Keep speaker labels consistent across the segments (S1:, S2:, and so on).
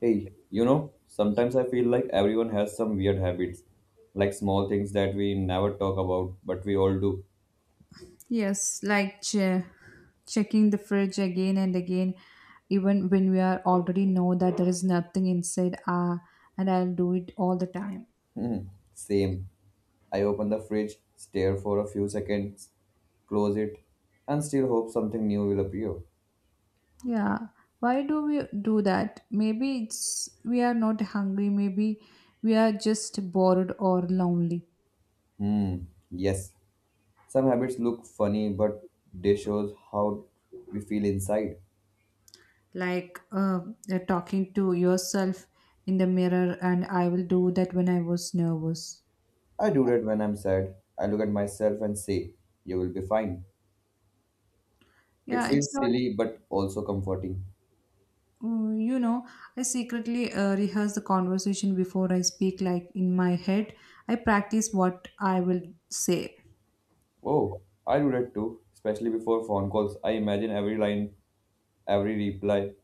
S1: Hey, sometimes I feel like everyone has some weird habits, like small things that we never talk about, but we all do.
S2: Yes, like checking the fridge again and again, even when we are already know that there is nothing inside. Ah, and I'll do it all the time.
S1: Hmm. Same. I open the fridge, stare for a few seconds, close it, and still hope something new will appear.
S2: Yeah, why do we do that? Maybe it's we are not hungry. Maybe we are just bored or lonely.
S1: Hmm, yes. Some habits look funny, but they shows how we feel inside.
S2: Like you're talking to yourself in the mirror, and I will do that when I was nervous.
S1: I do that when I'm sad. I look at myself and say, "You will be fine." It
S2: Yeah, it's
S1: feels
S2: not.
S1: silly, but also comforting.
S2: You know, I secretly rehearse the conversation before I speak, like in my head. I practice what I will say.
S1: Oh, I do that too, especially before phone calls. I imagine every line, every reply.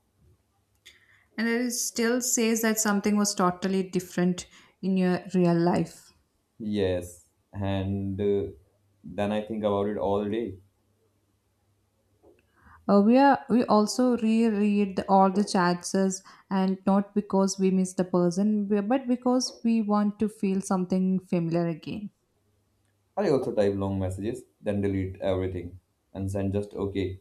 S2: And it still says that something was totally different in your real life.
S1: Yes, and then I think about it all day.
S2: We also reread all the chances, and not because we miss the person but because we want to feel something familiar again.
S1: I also type long messages, then delete everything and send just okay.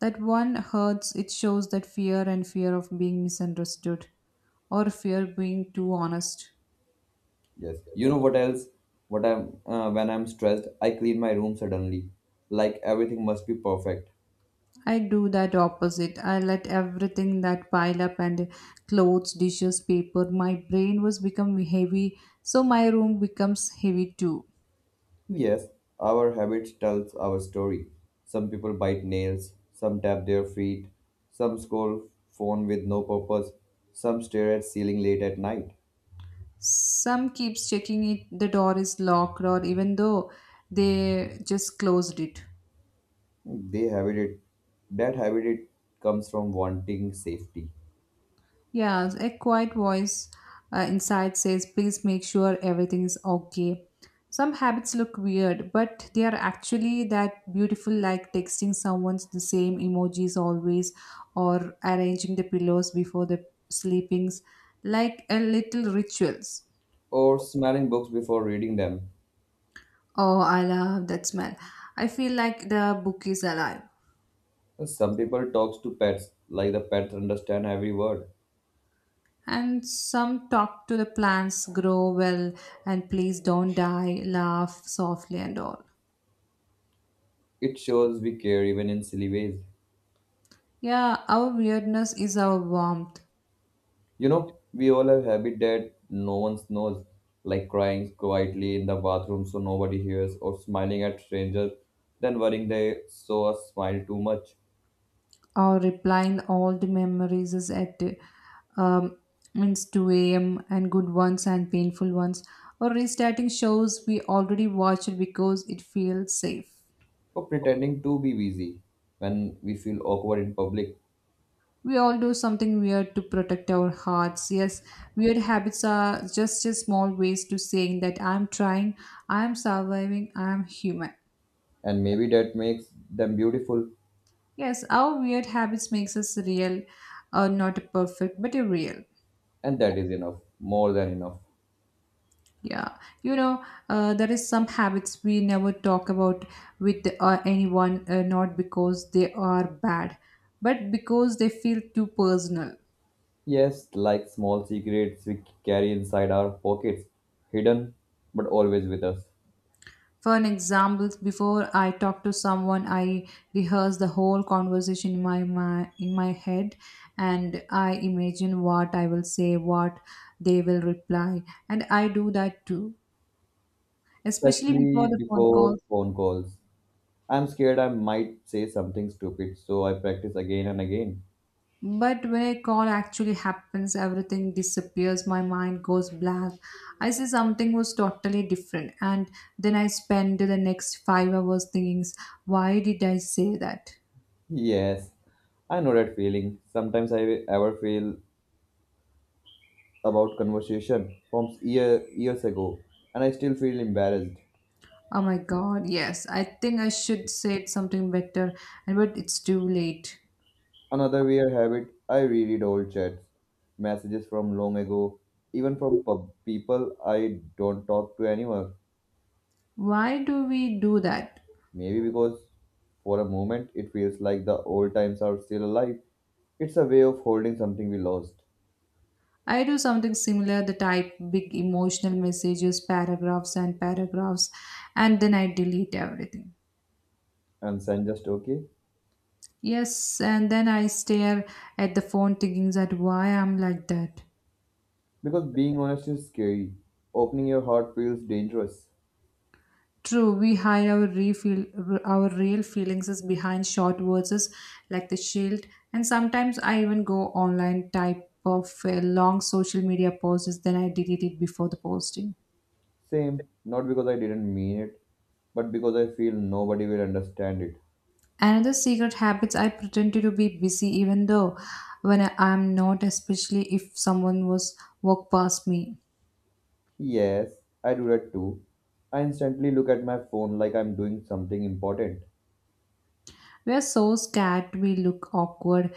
S2: That one hurts. It shows that fear and fear of being misunderstood or fear being too honest.
S1: Yes. You know what else? What I'm when I'm stressed, I clean my room suddenly, like everything must be perfect.
S2: I do that opposite. I let everything that pile up and clothes, dishes, paper. My brain was become heavy, so my room becomes heavy too.
S1: Yes, our habits tells our story. Some people bite nails, some tap their feet, some scroll phone with no purpose, some stare at ceiling late at night.
S2: Some keeps checking it the door is locked or even though they just closed it.
S1: They habit it. That habit it comes from wanting safety
S2: Yeah, a quiet voice inside says, please make sure everything is okay. Some habits look weird, but they are actually that beautiful, like texting someone the same emojis always or arranging the pillows before the sleepings, like a little rituals.
S1: or smelling books before reading them.
S2: Oh, I love that smell. I feel like the book is alive.
S1: Some people talks to pets like the pets understand every word.
S2: And some talk to the plants, grow well, and please don't die, laugh softly and all.
S1: It shows we care even in silly ways.
S2: Yeah, our weirdness is our warmth.
S1: You know, we all have habit that no one knows, like crying quietly in the bathroom so nobody hears, or smiling at strangers, then worrying they saw us smile too much,
S2: Our replying all the memories is at um, means 2 a.m. and good ones and painful ones. Or restarting shows we already watched because it feels safe.
S1: or pretending to be busy when we feel awkward in public,
S2: We all do something weird to protect our hearts. Yes, weird habits are just a small ways to saying that I'm trying, I'm surviving, I'm human.
S1: and maybe that makes them beautiful,
S2: Yes, our weird habits makes us real, not perfect, but a real.
S1: and that is enough, more than enough.
S2: Yeah, there is some habits we never talk about with anyone, not because they are bad, but because they feel too personal.
S1: Yes, like small secrets we carry inside our pockets, hidden but always with us,
S2: For an example, before I talk to someone, I rehearse the whole conversation in my head, and I imagine what I will say, what they will reply, and I do that too, especially
S1: especially
S2: before the phone
S1: before
S2: calls.
S1: phone calls. I'm scared I might say something stupid, so I practice again and again.
S2: But when a call actually happens, everything disappears. My mind goes black. I see something was totally different, and then I spend the next 5 hours thinking, why did I say that?
S1: Yes, I know that feeling. Sometimes I ever feel about conversation from years ago, and I still feel embarrassed.
S2: Oh my god, yes, I think I should say something better, and but it's too late.
S1: Another weird habit, I reread old chats, messages from long ago, even from people I don't talk to anymore.
S2: Why do we do that?
S1: Maybe because for a moment it feels like the old times are still alive. It's a way of holding something we lost.
S2: I do something similar, the type big emotional messages, paragraphs and paragraphs, and then I delete everything.
S1: And send just okay.
S2: Yes, and then I stare at the phone thinking that why I'm like that.
S1: Because being honest is scary. Opening your heart feels dangerous.
S2: True, we hide our real, feelings is behind short words is like the shield, and sometimes I even go online type of a long social media posts, then I delete it before the posting.
S1: Same, not because I didn't mean it, but because I feel nobody will understand it.
S2: Another secret habits I pretend to be busy even though when I am not, especially if someone was walk past me.
S1: Yes, I do that too. I instantly look at my phone like I'm doing something important.
S2: We are so scared we look awkward.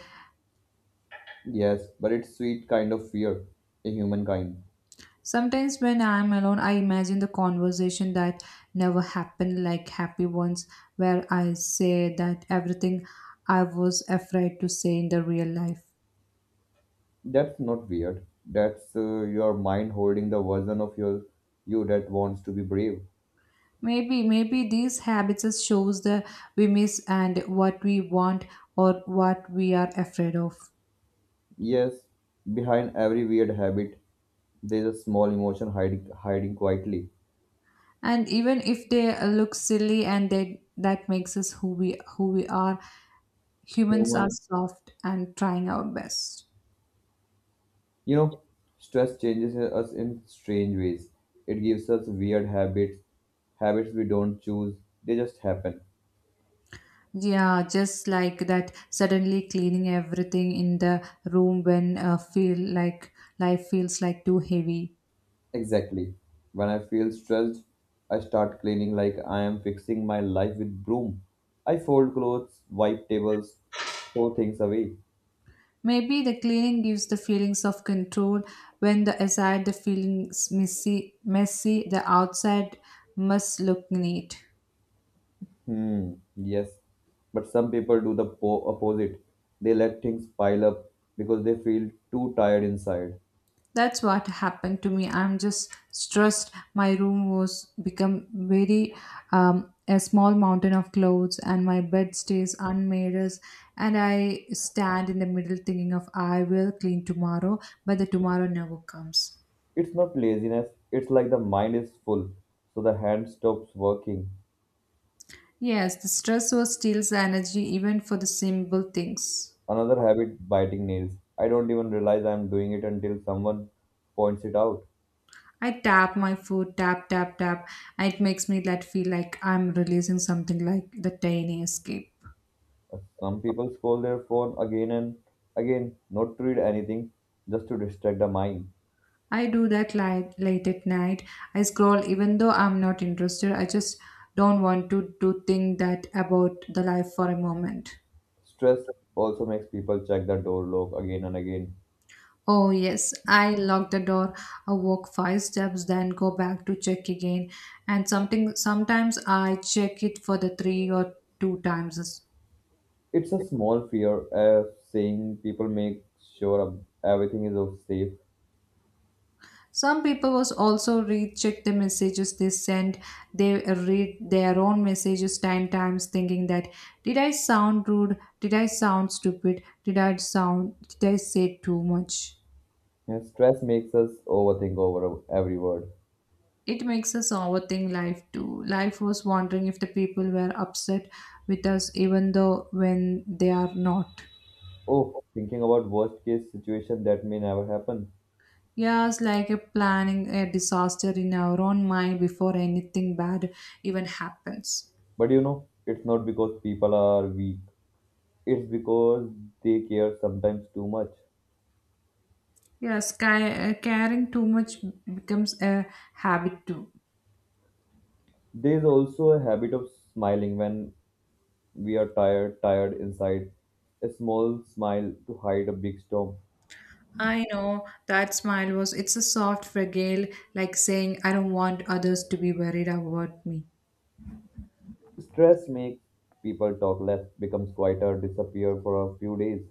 S1: Yes, but it's sweet kind of fear, a human kind.
S2: Sometimes when I am alone, I imagine the conversation that never happened, like happy ones, where I say that everything I was afraid to say in the real life.
S1: That's not weird. That's your mind holding the version of your you that wants to be brave.
S2: Maybe these habits shows the we miss and what we want or what we are afraid of.
S1: Yes, behind every weird habit, there's a small emotion hiding quietly.
S2: And even if they look silly and they, that makes us who we are, humans are
S1: Human.
S2: soft and trying our best.
S1: You know, stress changes us in strange ways. It gives us weird habits, habits we don't choose. They just happen.
S2: Yeah, just like that, suddenly cleaning everything in the room when feel like life feels like too heavy.
S1: Exactly. When I feel stressed, I start cleaning like I am fixing my life with broom. I fold clothes, wipe tables, throw things away.
S2: Maybe the cleaning gives the feelings of control. When the aside the feelings messy, messy, the outside must look neat.
S1: Yes, but some people do the opposite. They let things pile up because they feel too tired inside.
S2: That's what happened to me. I'm just stressed. My room was become very a small mountain of clothes, and my bed stays unmade. And I stand in the middle thinking of I will clean tomorrow, but the tomorrow never comes.
S1: It's not laziness, it's like the mind is full, so the hand stops working.
S2: Yes, the stress was steals the energy even for the simple things.
S1: Another habit, biting nails. I don't even realize I'm doing it until someone points it out.
S2: I tap my foot, tap, tap, tap, and it makes me that feel like I'm releasing something like the tiny escape.
S1: Some people scroll their phone again and again, not to read anything, just to distract the mind.
S2: I do that late, late at night. I scroll even though I'm not interested. I just don't want to think that about the life for a moment.
S1: Stress also makes people check the door lock again and again.
S2: Oh, yes. I lock the door, I walk 5 steps, then go back to check again. And something sometimes I check it for the 3 or 2 times.
S1: It's a small fear of saying people make sure of everything is of safe.
S2: Some people was also recheck the messages they send. They read their own messages 10 times, thinking that did I sound rude? Did I sound stupid? Did I sound? Did I say too much?
S1: And stress makes us overthink over every word.
S2: It makes us overthink life too. Life was wondering if the people were upset with us, even though when they are not.
S1: Oh, thinking about worst case situation that may never happen.
S2: Yes, like a planning a disaster in our own mind before anything bad even happens.
S1: But you know, it's not because people are weak. It's because they care sometimes too much.
S2: Yes, caring too much becomes a habit too.
S1: There's also a habit of smiling when we are tired, tired inside. A small smile to hide a big storm.
S2: I know that smile was, it's a soft, fragile, like saying, I don't want others to be worried about me.
S1: Stress makes people talk less, becomes quieter, disappear for a few days.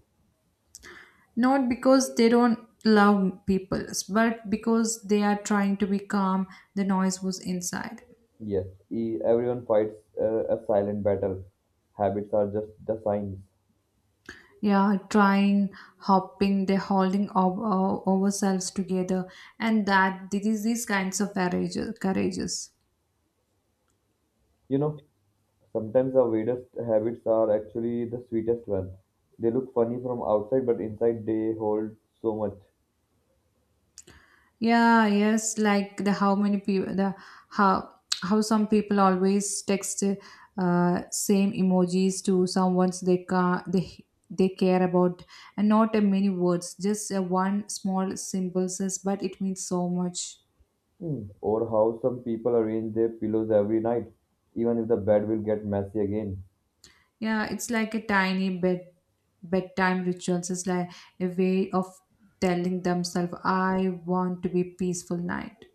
S2: Not because they don't love people, but because they are trying to be calm, the noise was inside.
S1: Yes, everyone fights a silent battle. Habits are just the signs.
S2: Yeah, trying, hopping, they're holding ourselves together, and that this is these kinds of courageous, courageous.
S1: You know, sometimes the weirdest habits are actually the sweetest ones. They look funny from outside, but inside they hold so much.
S2: Yeah, yes, like the how many people the how how some people always text same emojis to someone they ca they care about and not a many words, just a one small symbol says, but it means so much.
S1: Hmm. Or how some people arrange their pillows every night, even if the bed will get messy again.
S2: Yeah, it's like a tiny bedtime rituals. It's like a way of telling themselves, "I want to be peaceful night."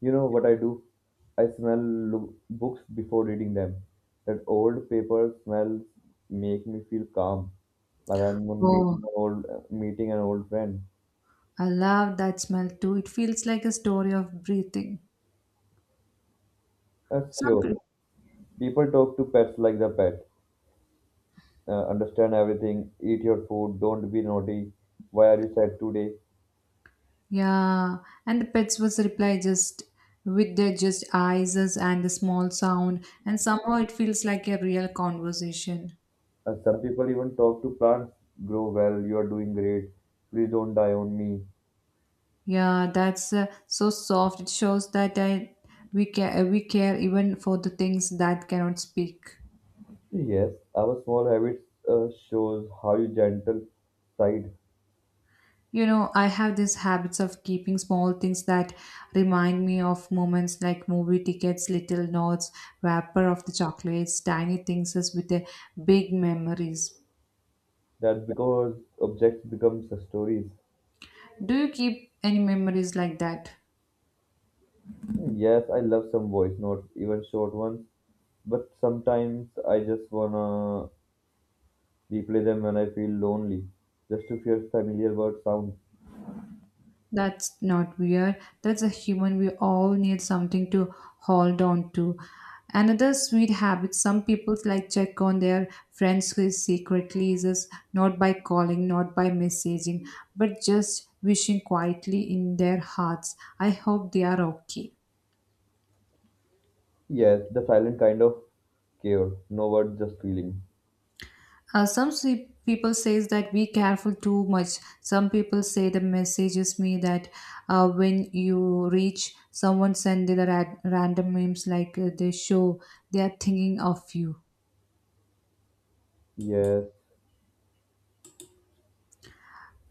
S1: You know what I do? I smell books before reading them. That old paper smells make me feel calm, like I'm on meeting
S2: Oh,
S1: an old meeting an old friend.
S2: I love that smell too. It feels like a story of breathing.
S1: That's sure.
S2: Some
S1: People talk to pets like the pet understand everything, eat your food, don't be naughty, why are you sad today?
S2: Yeah, and the pets was reply just with their just eyes us and the small sound, and somehow it feels like a real conversation.
S1: Some people even talk to plants, grow well, you are doing great, please don't die on me.
S2: Yeah, that's so soft. It shows that we care even for the things that cannot speak.
S1: Yes, our small habits shows how you gentle side.
S2: You know, I have these habits of keeping small things that remind me of moments like movie tickets, little notes, wrapper of the chocolates, tiny things as with the big memories.
S1: That's because objects become stories.
S2: Do you keep any memories like that?
S1: Yes, I love some voice notes, even short ones, but sometimes I just wanna replay them when I feel lonely, just to hear familiar word sound.
S2: That's not weird. That's a human. We all need something to hold on to. Another sweet habit some people like check on their friends who is secretly is not by calling, not by messaging, but just wishing quietly in their hearts. I hope they are okay.
S1: Yes, the silent kind of care. No words, just feeling.
S2: Some people says that be careful too much. Some people say the messages me that when you reach, someone send the random memes like they show they are thinking of you.
S1: Yes.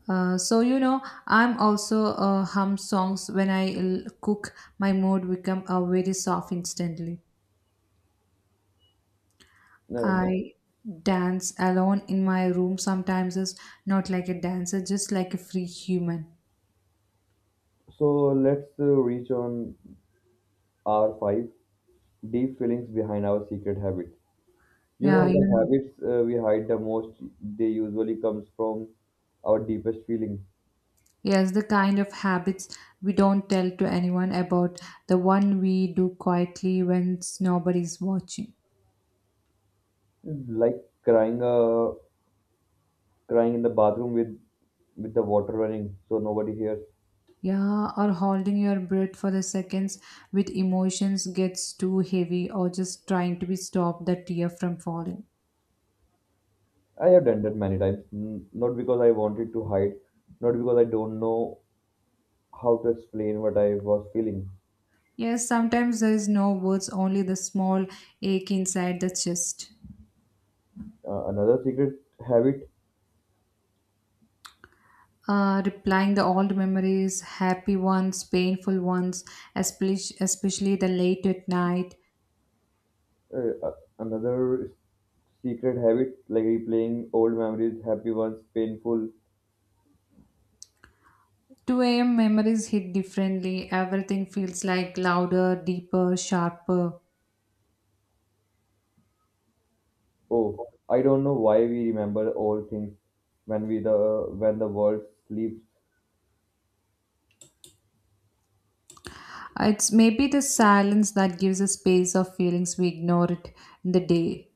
S2: So I'm also hum songs when I cook. My mood become very soft instantly.
S1: No,
S2: I dance alone in my room sometimes. It's not like a dancer, just like a free human.
S1: so let's reach on R5, deep feelings behind our secret habits. You
S2: Yeah,
S1: know, the
S2: you know.
S1: habits we hide the most, they usually comes from our deepest feeling.
S2: Yes, the kind of habits we don't tell to anyone about, the one we do quietly when nobody's watching.
S1: Like crying, uh, crying in the bathroom with the water running so nobody hears.
S2: Yeah, or holding your breath for the seconds with emotions gets too heavy, or just trying to be stop the tear from falling.
S1: I have done that many times, not because I wanted to hide, not because I don't know how to explain what I was feeling.
S2: Yes, sometimes there is no words, only the small ache inside the chest.
S1: Uh, another secret habit,
S2: Replying the old memories, happy ones, painful ones, especially the late at night.
S1: uh, uh, Another secret habit, like replaying old memories, happy ones, painful.
S2: 2 a.m. memories hit differently. Everything feels like louder, deeper, sharper.
S1: Oh, I don't know why we remember old things when we the when the world sleeps.
S2: It's maybe the silence that gives a space of feelings we ignore it in the day.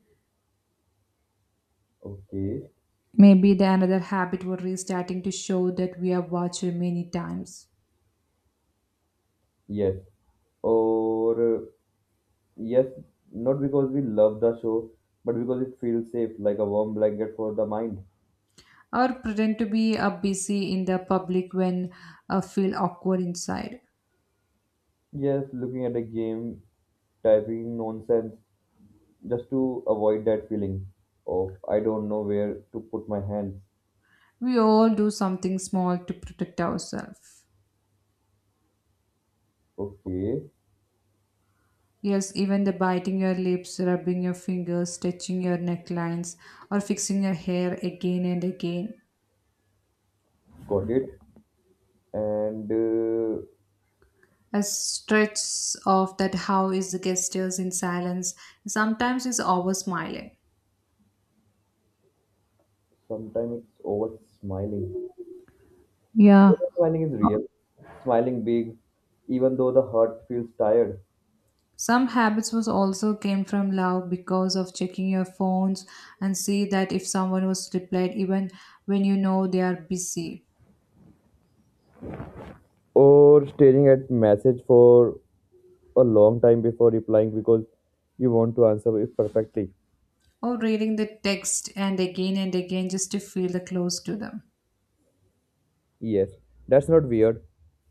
S1: Okay,
S2: Maybe the another habit we're restarting to show that we have watched many times.
S1: yes, or yes, not because we love the show, but because it feels safe, like a warm blanket for the mind.
S2: Or pretend to be busy in the public when feel awkward inside.
S1: Yes, looking at a game, typing nonsense, just to avoid that feeling of I don't know where to put my hands.
S2: We all do something small to protect ourselves.
S1: Okay,
S2: Yes, even the biting your lips, rubbing your fingers, stretching your necklines, or fixing your hair again and again.
S1: got it. And
S2: A stretch of that how is the gestures in silence sometimes is over smiling.
S1: sometimes it's over smiling.
S2: Yeah.
S1: Over smiling is real. Smiling big, even though the heart feels tired.
S2: Some habits was also came from love because of checking your phones and see that if someone was replied even when you know they are busy
S1: Or staring at message for a long time before replying because you want to answer it perfectly.
S2: or reading the text and again just to feel the close to them.
S1: Yes, that's not weird.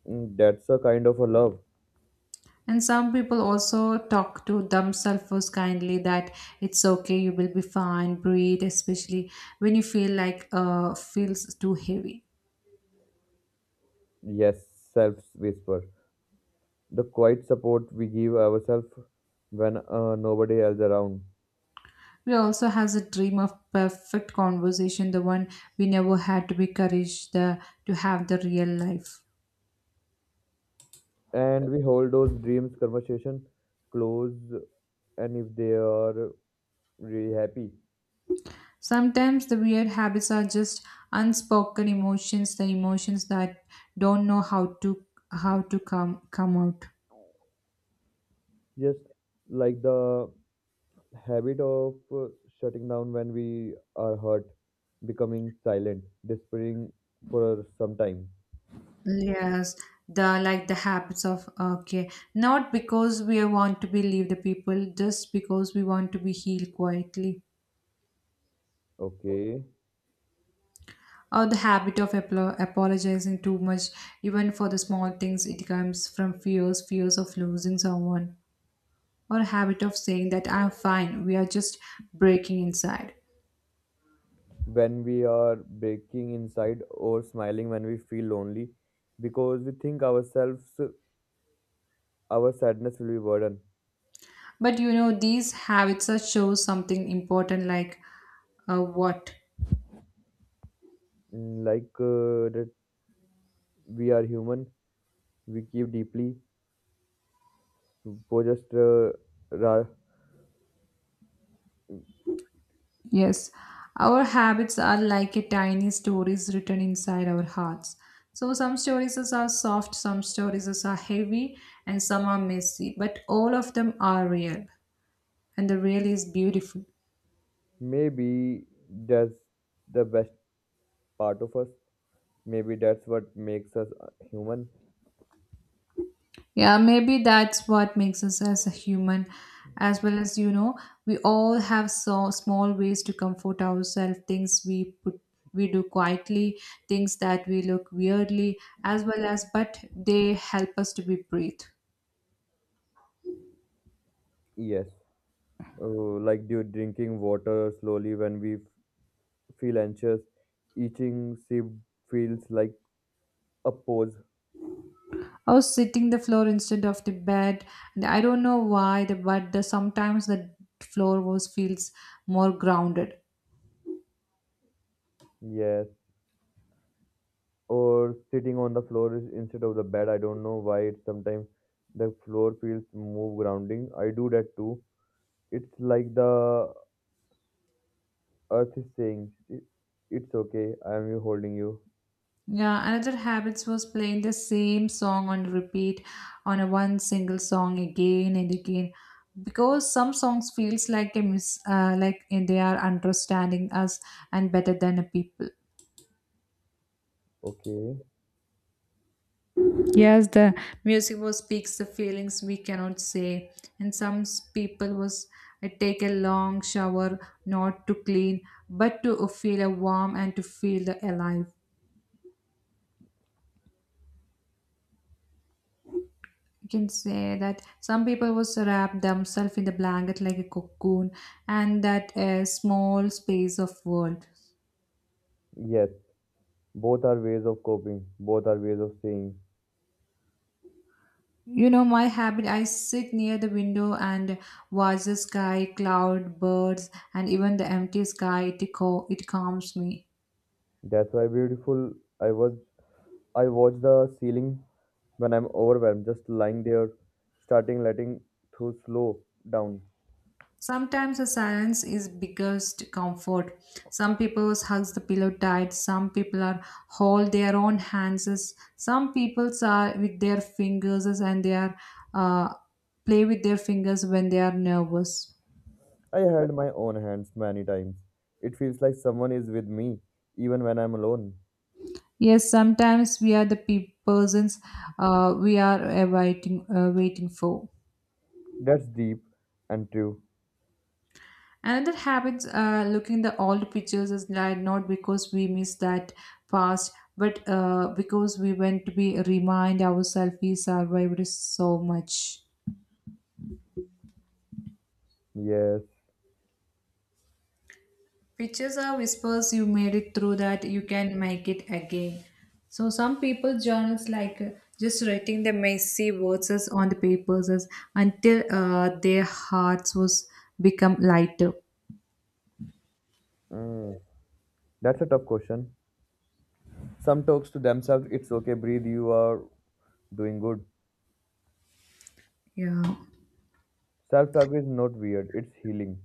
S1: Mm. That's a kind of a love.
S2: And some people also talk to themselves first kindly that it's okay, you will be fine, breathe, especially when you feel like feels too heavy.
S1: Yes, self whisper, the quiet support we give ourselves when nobody else around
S2: We also has a dream of perfect conversation, the one we never had to be courage to have the real life.
S1: and we hold those dreams conversation close and if they are really happy
S2: Sometimes the weird habits are just unspoken emotions, the emotions that don't know how to come out.
S1: just like the habit of shutting down when we are hurt, becoming silent despairing for some time.
S2: Yes, the like the habits of okay, not because we want to believe the people, just because we want to be healed quietly.
S1: Okay.
S2: Or the habit of apologizing too much, even for the small things, it comes from fears, fears of losing someone, or habit of saying that I'm fine, we are just breaking inside.
S1: When we are breaking inside or smiling when we feel lonely because we think ourselves our sadness will be burden.
S2: But you know, these habits are show something important, like what?
S1: Like that we are human, we keep deeply for just ra-
S2: Yes, our habits are like a tiny stories written inside our hearts. So some stories are soft, some stories are heavy, and some are messy, but all of them are real, and the real is beautiful.
S1: maybe that's the best part of us. Maybe that's what makes us human.
S2: Yeah, maybe that's what makes us as a human. As well as, you know, we all have so small ways to comfort ourselves, things we put we do quietly, things that we look weirdly, as well as but they help us to be breathe.
S1: Yes, uh, like do drinking water slowly when we feel anxious, eating sip feels like a pause.
S2: I was sitting the floor instead of the bed, and I don't know why, the, but the, sometimes the floor was feels more grounded.
S1: Yes, or sitting on the floor instead of the bed. I don't know why it sometimes the floor feels more grounding. I do that too. It's like the earth is saying, "I- It's okay, I am you holding you."
S2: Yeah, another habits was playing the same song on repeat on a one single song again and again because some songs feels like a like they are understanding us and better than a people.
S1: Okay.
S2: Yes, the music was speaks the feelings we cannot say, and some people was I take a long shower not to clean, but to feel a warm and to feel the alive. You can say that some people was wrap themselves in the blanket like a cocoon, and that a small space of world.
S1: Yes, both are ways of coping, both are ways of saying.
S2: You know my habit. I sit near the window and watch the sky, cloud, birds, and even the empty sky. It, it calms me.
S1: That's why beautiful. I was I watch the ceiling when I'm overwhelmed, just lying there, starting letting through slow down.
S2: Sometimes the silence is biggest comfort. Some people hugs the pillow tight. Some people are hold their own hands. Some people are with their fingers and they are uh, play with their fingers when they are nervous.
S1: I held my own hands many times. It feels like someone is with me, even when I'm alone.
S2: Yes, sometimes we are the persons we are awaiting waiting for.
S1: That's deep and true.
S2: Another habit looking the old pictures is like not because we miss that past, but because we want to be remind ourselves we survived so much.
S1: Yes.
S2: Pictures are whispers. You made it through that. You can make it again. So some people journals like just writing the messy words as on the papers as until their hearts was become lighter.
S1: Mm. That's a tough question. Some talks to themselves, it's okay, breathe, you are doing good.
S2: Yeah.
S1: Self talk is not weird, it's healing.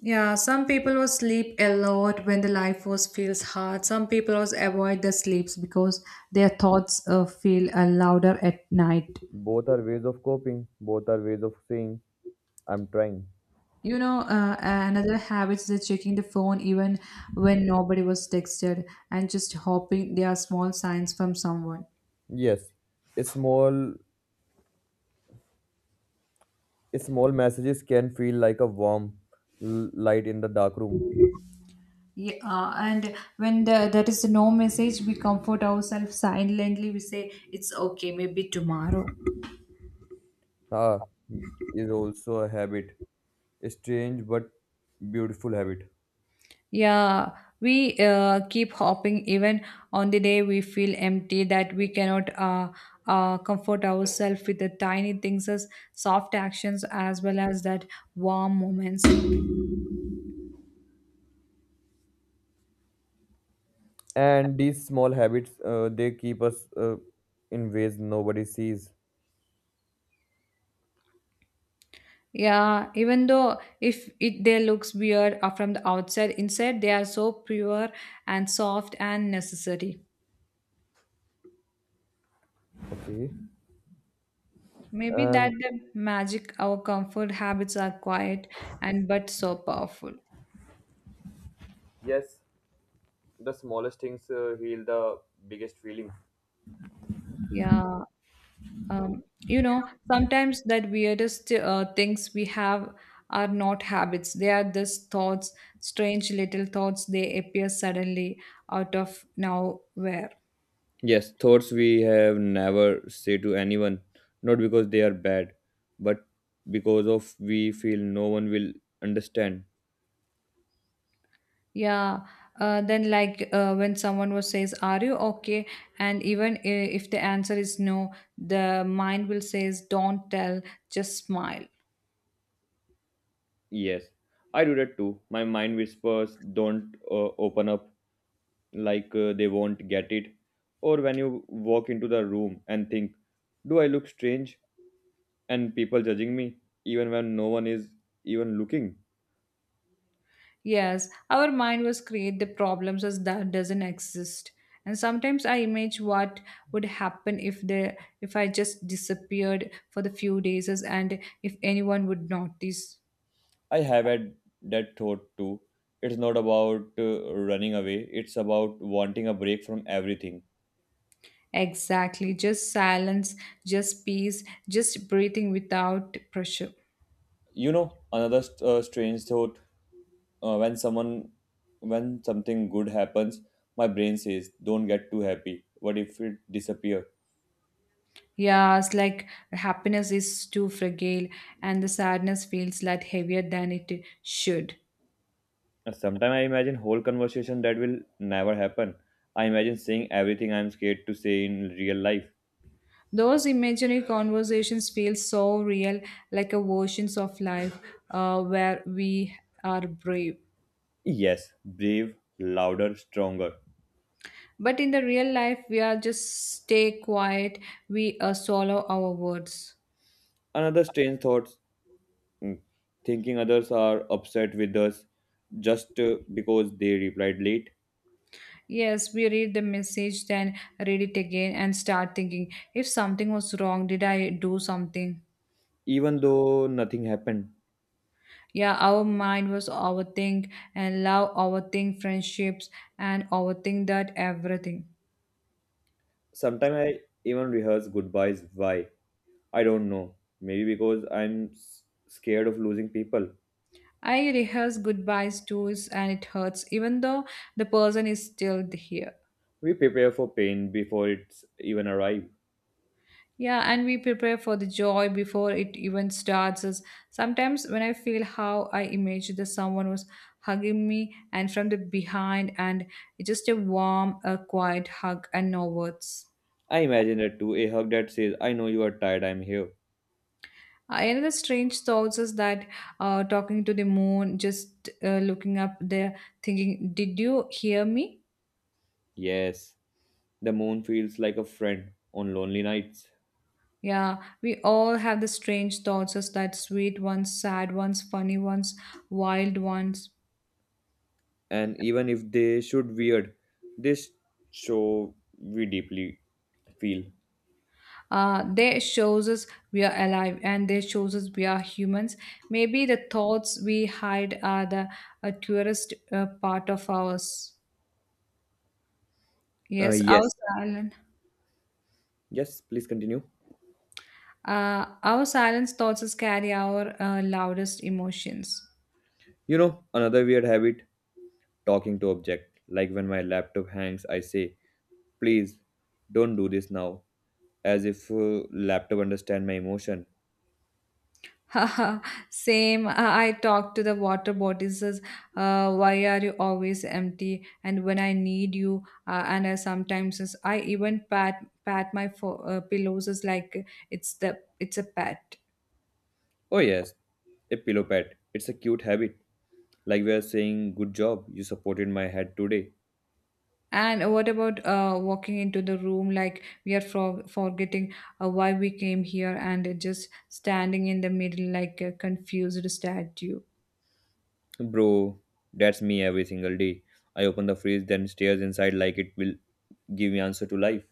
S2: Yeah, some people will sleep a lot when the life was feels hard. Some people was avoid the sleeps because their thoughts feel louder at night.
S1: Both are ways of coping, both are ways of saying, I'm trying.
S2: You know, another habit is the checking the phone even when nobody was texted and just hoping there are small signs from someone.
S1: Yes, small small messages can feel like a warm light in the dark room.
S2: Yeah, and when the, that is no message, we comfort ourselves silently. We say it's okay, maybe tomorrow.
S1: Ah, is also a habit, a strange but beautiful habit.
S2: Yeah, we keep hopping even on the day we feel empty that we cannot comfort ourselves with the tiny things as soft actions as well as that warm moments.
S1: And these small habits, they keep us in ways nobody sees.
S2: Yeah, even though if it they looks weird from the outside, inside they are so pure and soft and necessary.
S1: Okay.
S2: Maybe
S1: Um.
S2: that the magic our comfort habits are quiet and but so powerful.
S1: Yes. The smallest things heal the biggest feeling.
S2: Yeah. You know, sometimes that weirdest things we have are not habits. They are just thoughts, strange little thoughts. They appear suddenly out of nowhere.
S1: Yes, thoughts we have never say to anyone, not because they are bad, but because of we feel no one will understand.
S2: Yeah. Then, like when someone was says, "Are you okay?" And even if the answer is no, the mind will says, "Don't tell, just smile."
S1: Yes, I do that too. My mind whispers, don't open up like they won't get it. Or when you walk into the room and think, do I look strange? And people judging me, even when no one is even looking.
S2: Yes, our mind was create the problems as that doesn't exist. And sometimes I imagine what would happen if the if I just disappeared for the few days and if anyone would notice.
S1: I have had that thought too. It's not about running away, it's about wanting a break from everything.
S2: Exactly, just silence, just peace, just breathing without pressure.
S1: You know, another strange thought uh, when someone when something good happens, my brain says, "Don't get too happy. What if it disappear?"
S2: Yes, like happiness is too fragile and the sadness feels like heavier than it should.
S1: And sometimes I imagine whole conversation that will never happen. I imagine saying everything I'm scared to say in real life.
S2: Those imaginary conversations feel so real, like a versions of life where we are brave.
S1: Yes, brave, louder, stronger.
S2: But in the real life, we are just stay quiet. We swallow our words.
S1: Another strange thought, thinking others are upset with us just because they replied late,
S2: Yes, we read the message, then read it again and start thinking if something was wrong, did I do something?
S1: even though nothing happened.
S2: Yeah, our mind was overthink and love overthink friendships and overthink that everything.
S1: Sometimes I even rehearse goodbyes. Why? I don't know. Maybe because I'm scared of losing people.
S2: I rehearse goodbyes tours and it hurts, even though the person is still here.
S1: We prepare for pain before it's even arrive.
S2: Yeah, and we prepare for the joy before it even starts. As sometimes when I feel how I imagine that someone was hugging me and from the behind, and it's just a warm, a quiet hug and no words.
S1: I imagine that too. A hug that says, "I know you are tired. I'm here."
S2: Another strange thoughts is that talking to the moon, just looking up there, thinking, "Did you hear me?"
S1: Yes, the moon feels like a friend on lonely nights.
S2: Yeah, we all have the strange thoughts as that sweet ones, sad ones, funny ones, wild ones.
S1: And even if they should weird, this show we deeply feel.
S2: They shows us we are alive and they shows us we are humans. Maybe the thoughts we hide are the purest part of ours. Yes, our
S1: Yes,
S2: silent,
S1: yes, please continue.
S2: our silence thoughts us carry our loudest emotions.
S1: You know, another weird habit, talking to object. Like when my laptop hangs, I say, please don't do this now, as if laptop understand my emotion.
S2: Haha, same. I talk to the water bodies. As, uh, why are you always empty? And when I need you, and I sometimes I even pat my pillows as like it's the it's a pet.
S1: Oh, yes, a pillow pet. It's a cute habit. Like we are saying, good job, you supported my head today.
S2: And what about walking into the room like we are forgetting why we came here and just standing in the middle like a confused statue?
S1: Bro, that's me every single day. I open the fridge, then stares inside like it will give me answer to life.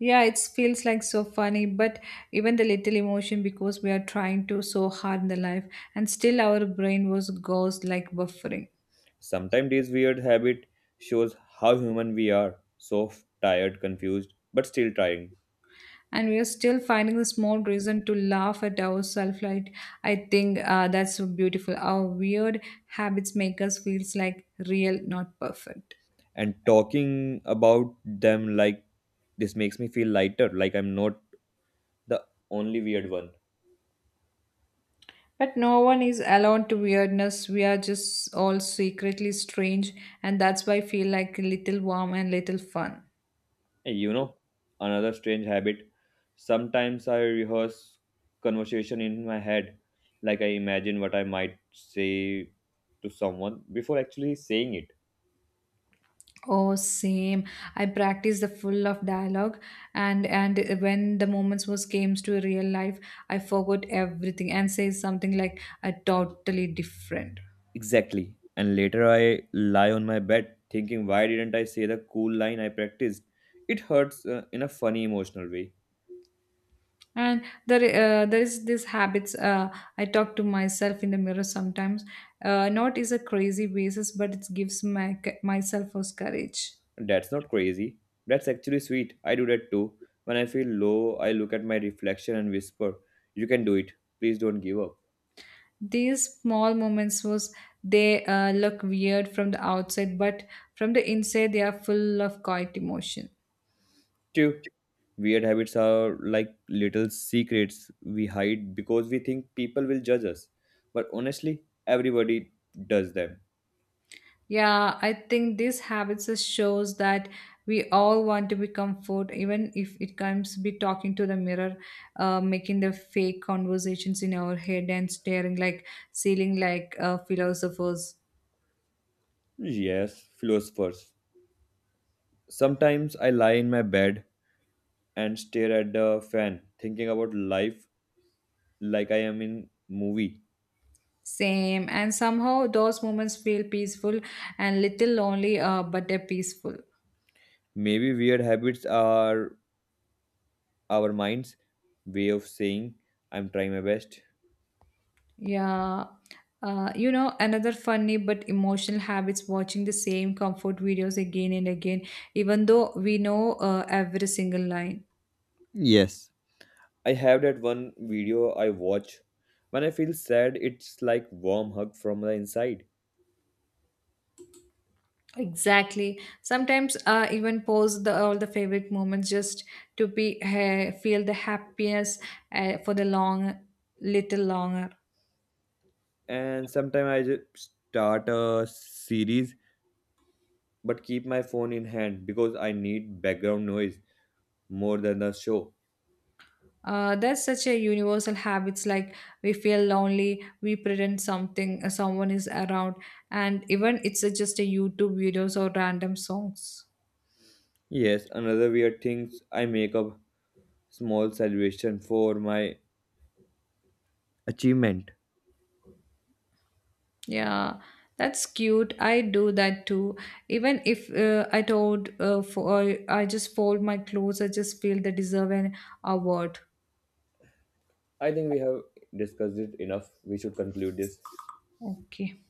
S2: Yeah, it feels like so funny, but even the little emotion because we are trying to so hard in the life, and still our brain was goes like buffering,
S1: Sometimes this weird habit shows how human we are, soft, tired, confused, but still trying.
S2: and we are still finding the small reason to laugh at ourselves. Like I think that's so beautiful. Our weird habits make us feels like real, not perfect.
S1: And talking about them like this makes me feel lighter, like I'm not the only weird one.
S2: But no one is alone to weirdness. We are just all secretly strange, and that's why I feel like a little warm and little fun.
S1: And you know, another strange habit. Sometimes I rehearse conversation in my head, like I imagine what I might say to someone before actually saying it.
S2: Oh, same. I practiced the full of dialogue, and when the moments was came to real life, I forgot everything and say something like I totally different.
S1: Exactly. And later I lie on my bed thinking, why didn't I say the cool line I practiced? It hurts in a funny emotional way.
S2: And there is this habits. I talk to myself in the mirror sometimes. Not is a crazy basis, but it gives my myself was courage.
S1: That's not crazy. That's actually sweet. I do that too. When I feel low, I look at my reflection and whisper, you can do it. Please don't give up.
S2: These small moments was they look weird from the outside, but from the inside they are full of quiet emotion.
S1: Two, weird habits are like little secrets we hide because we think people will judge us. But honestly, everybody does them.
S2: Yeah, I think these habits just shows that we all want to be comfort, even if it comes be talking to the mirror, making the fake conversations in our head and staring like ceiling like philosophers.
S1: Yes, philosophers. Sometimes I lie in my bed and stare at the fan, thinking about life like I am in movie.
S2: Same, and somehow those moments feel peaceful and little lonely, but they're peaceful.
S1: Maybe weird habits are our mind's way of saying I'm trying my best.
S2: Yeah. You know, another funny but emotional habits watching the same comfort videos again and again, even though we know every single line.
S1: Yes. I have that one video I watch. When I feel sad, it's like warm hug from the inside.
S2: Exactly. Sometimes I even post the all the favorite moments just to be feel the happiness for the long little longer.
S1: And sometimes I just start a series but keep my phone in hand because I need background noise more than the show.
S2: That's such a universal habits like we feel lonely, we pretend something someone is around, and even it's a, just a YouTube videos or random songs.
S1: Yes, another weird things I make up small celebration for my achievement.
S2: Yeah, that's cute. I do that too. Even if I told for I just fold my clothes, I just feel the deserve an award.
S1: I think we have discussed it enough. We should conclude this.
S2: Okay.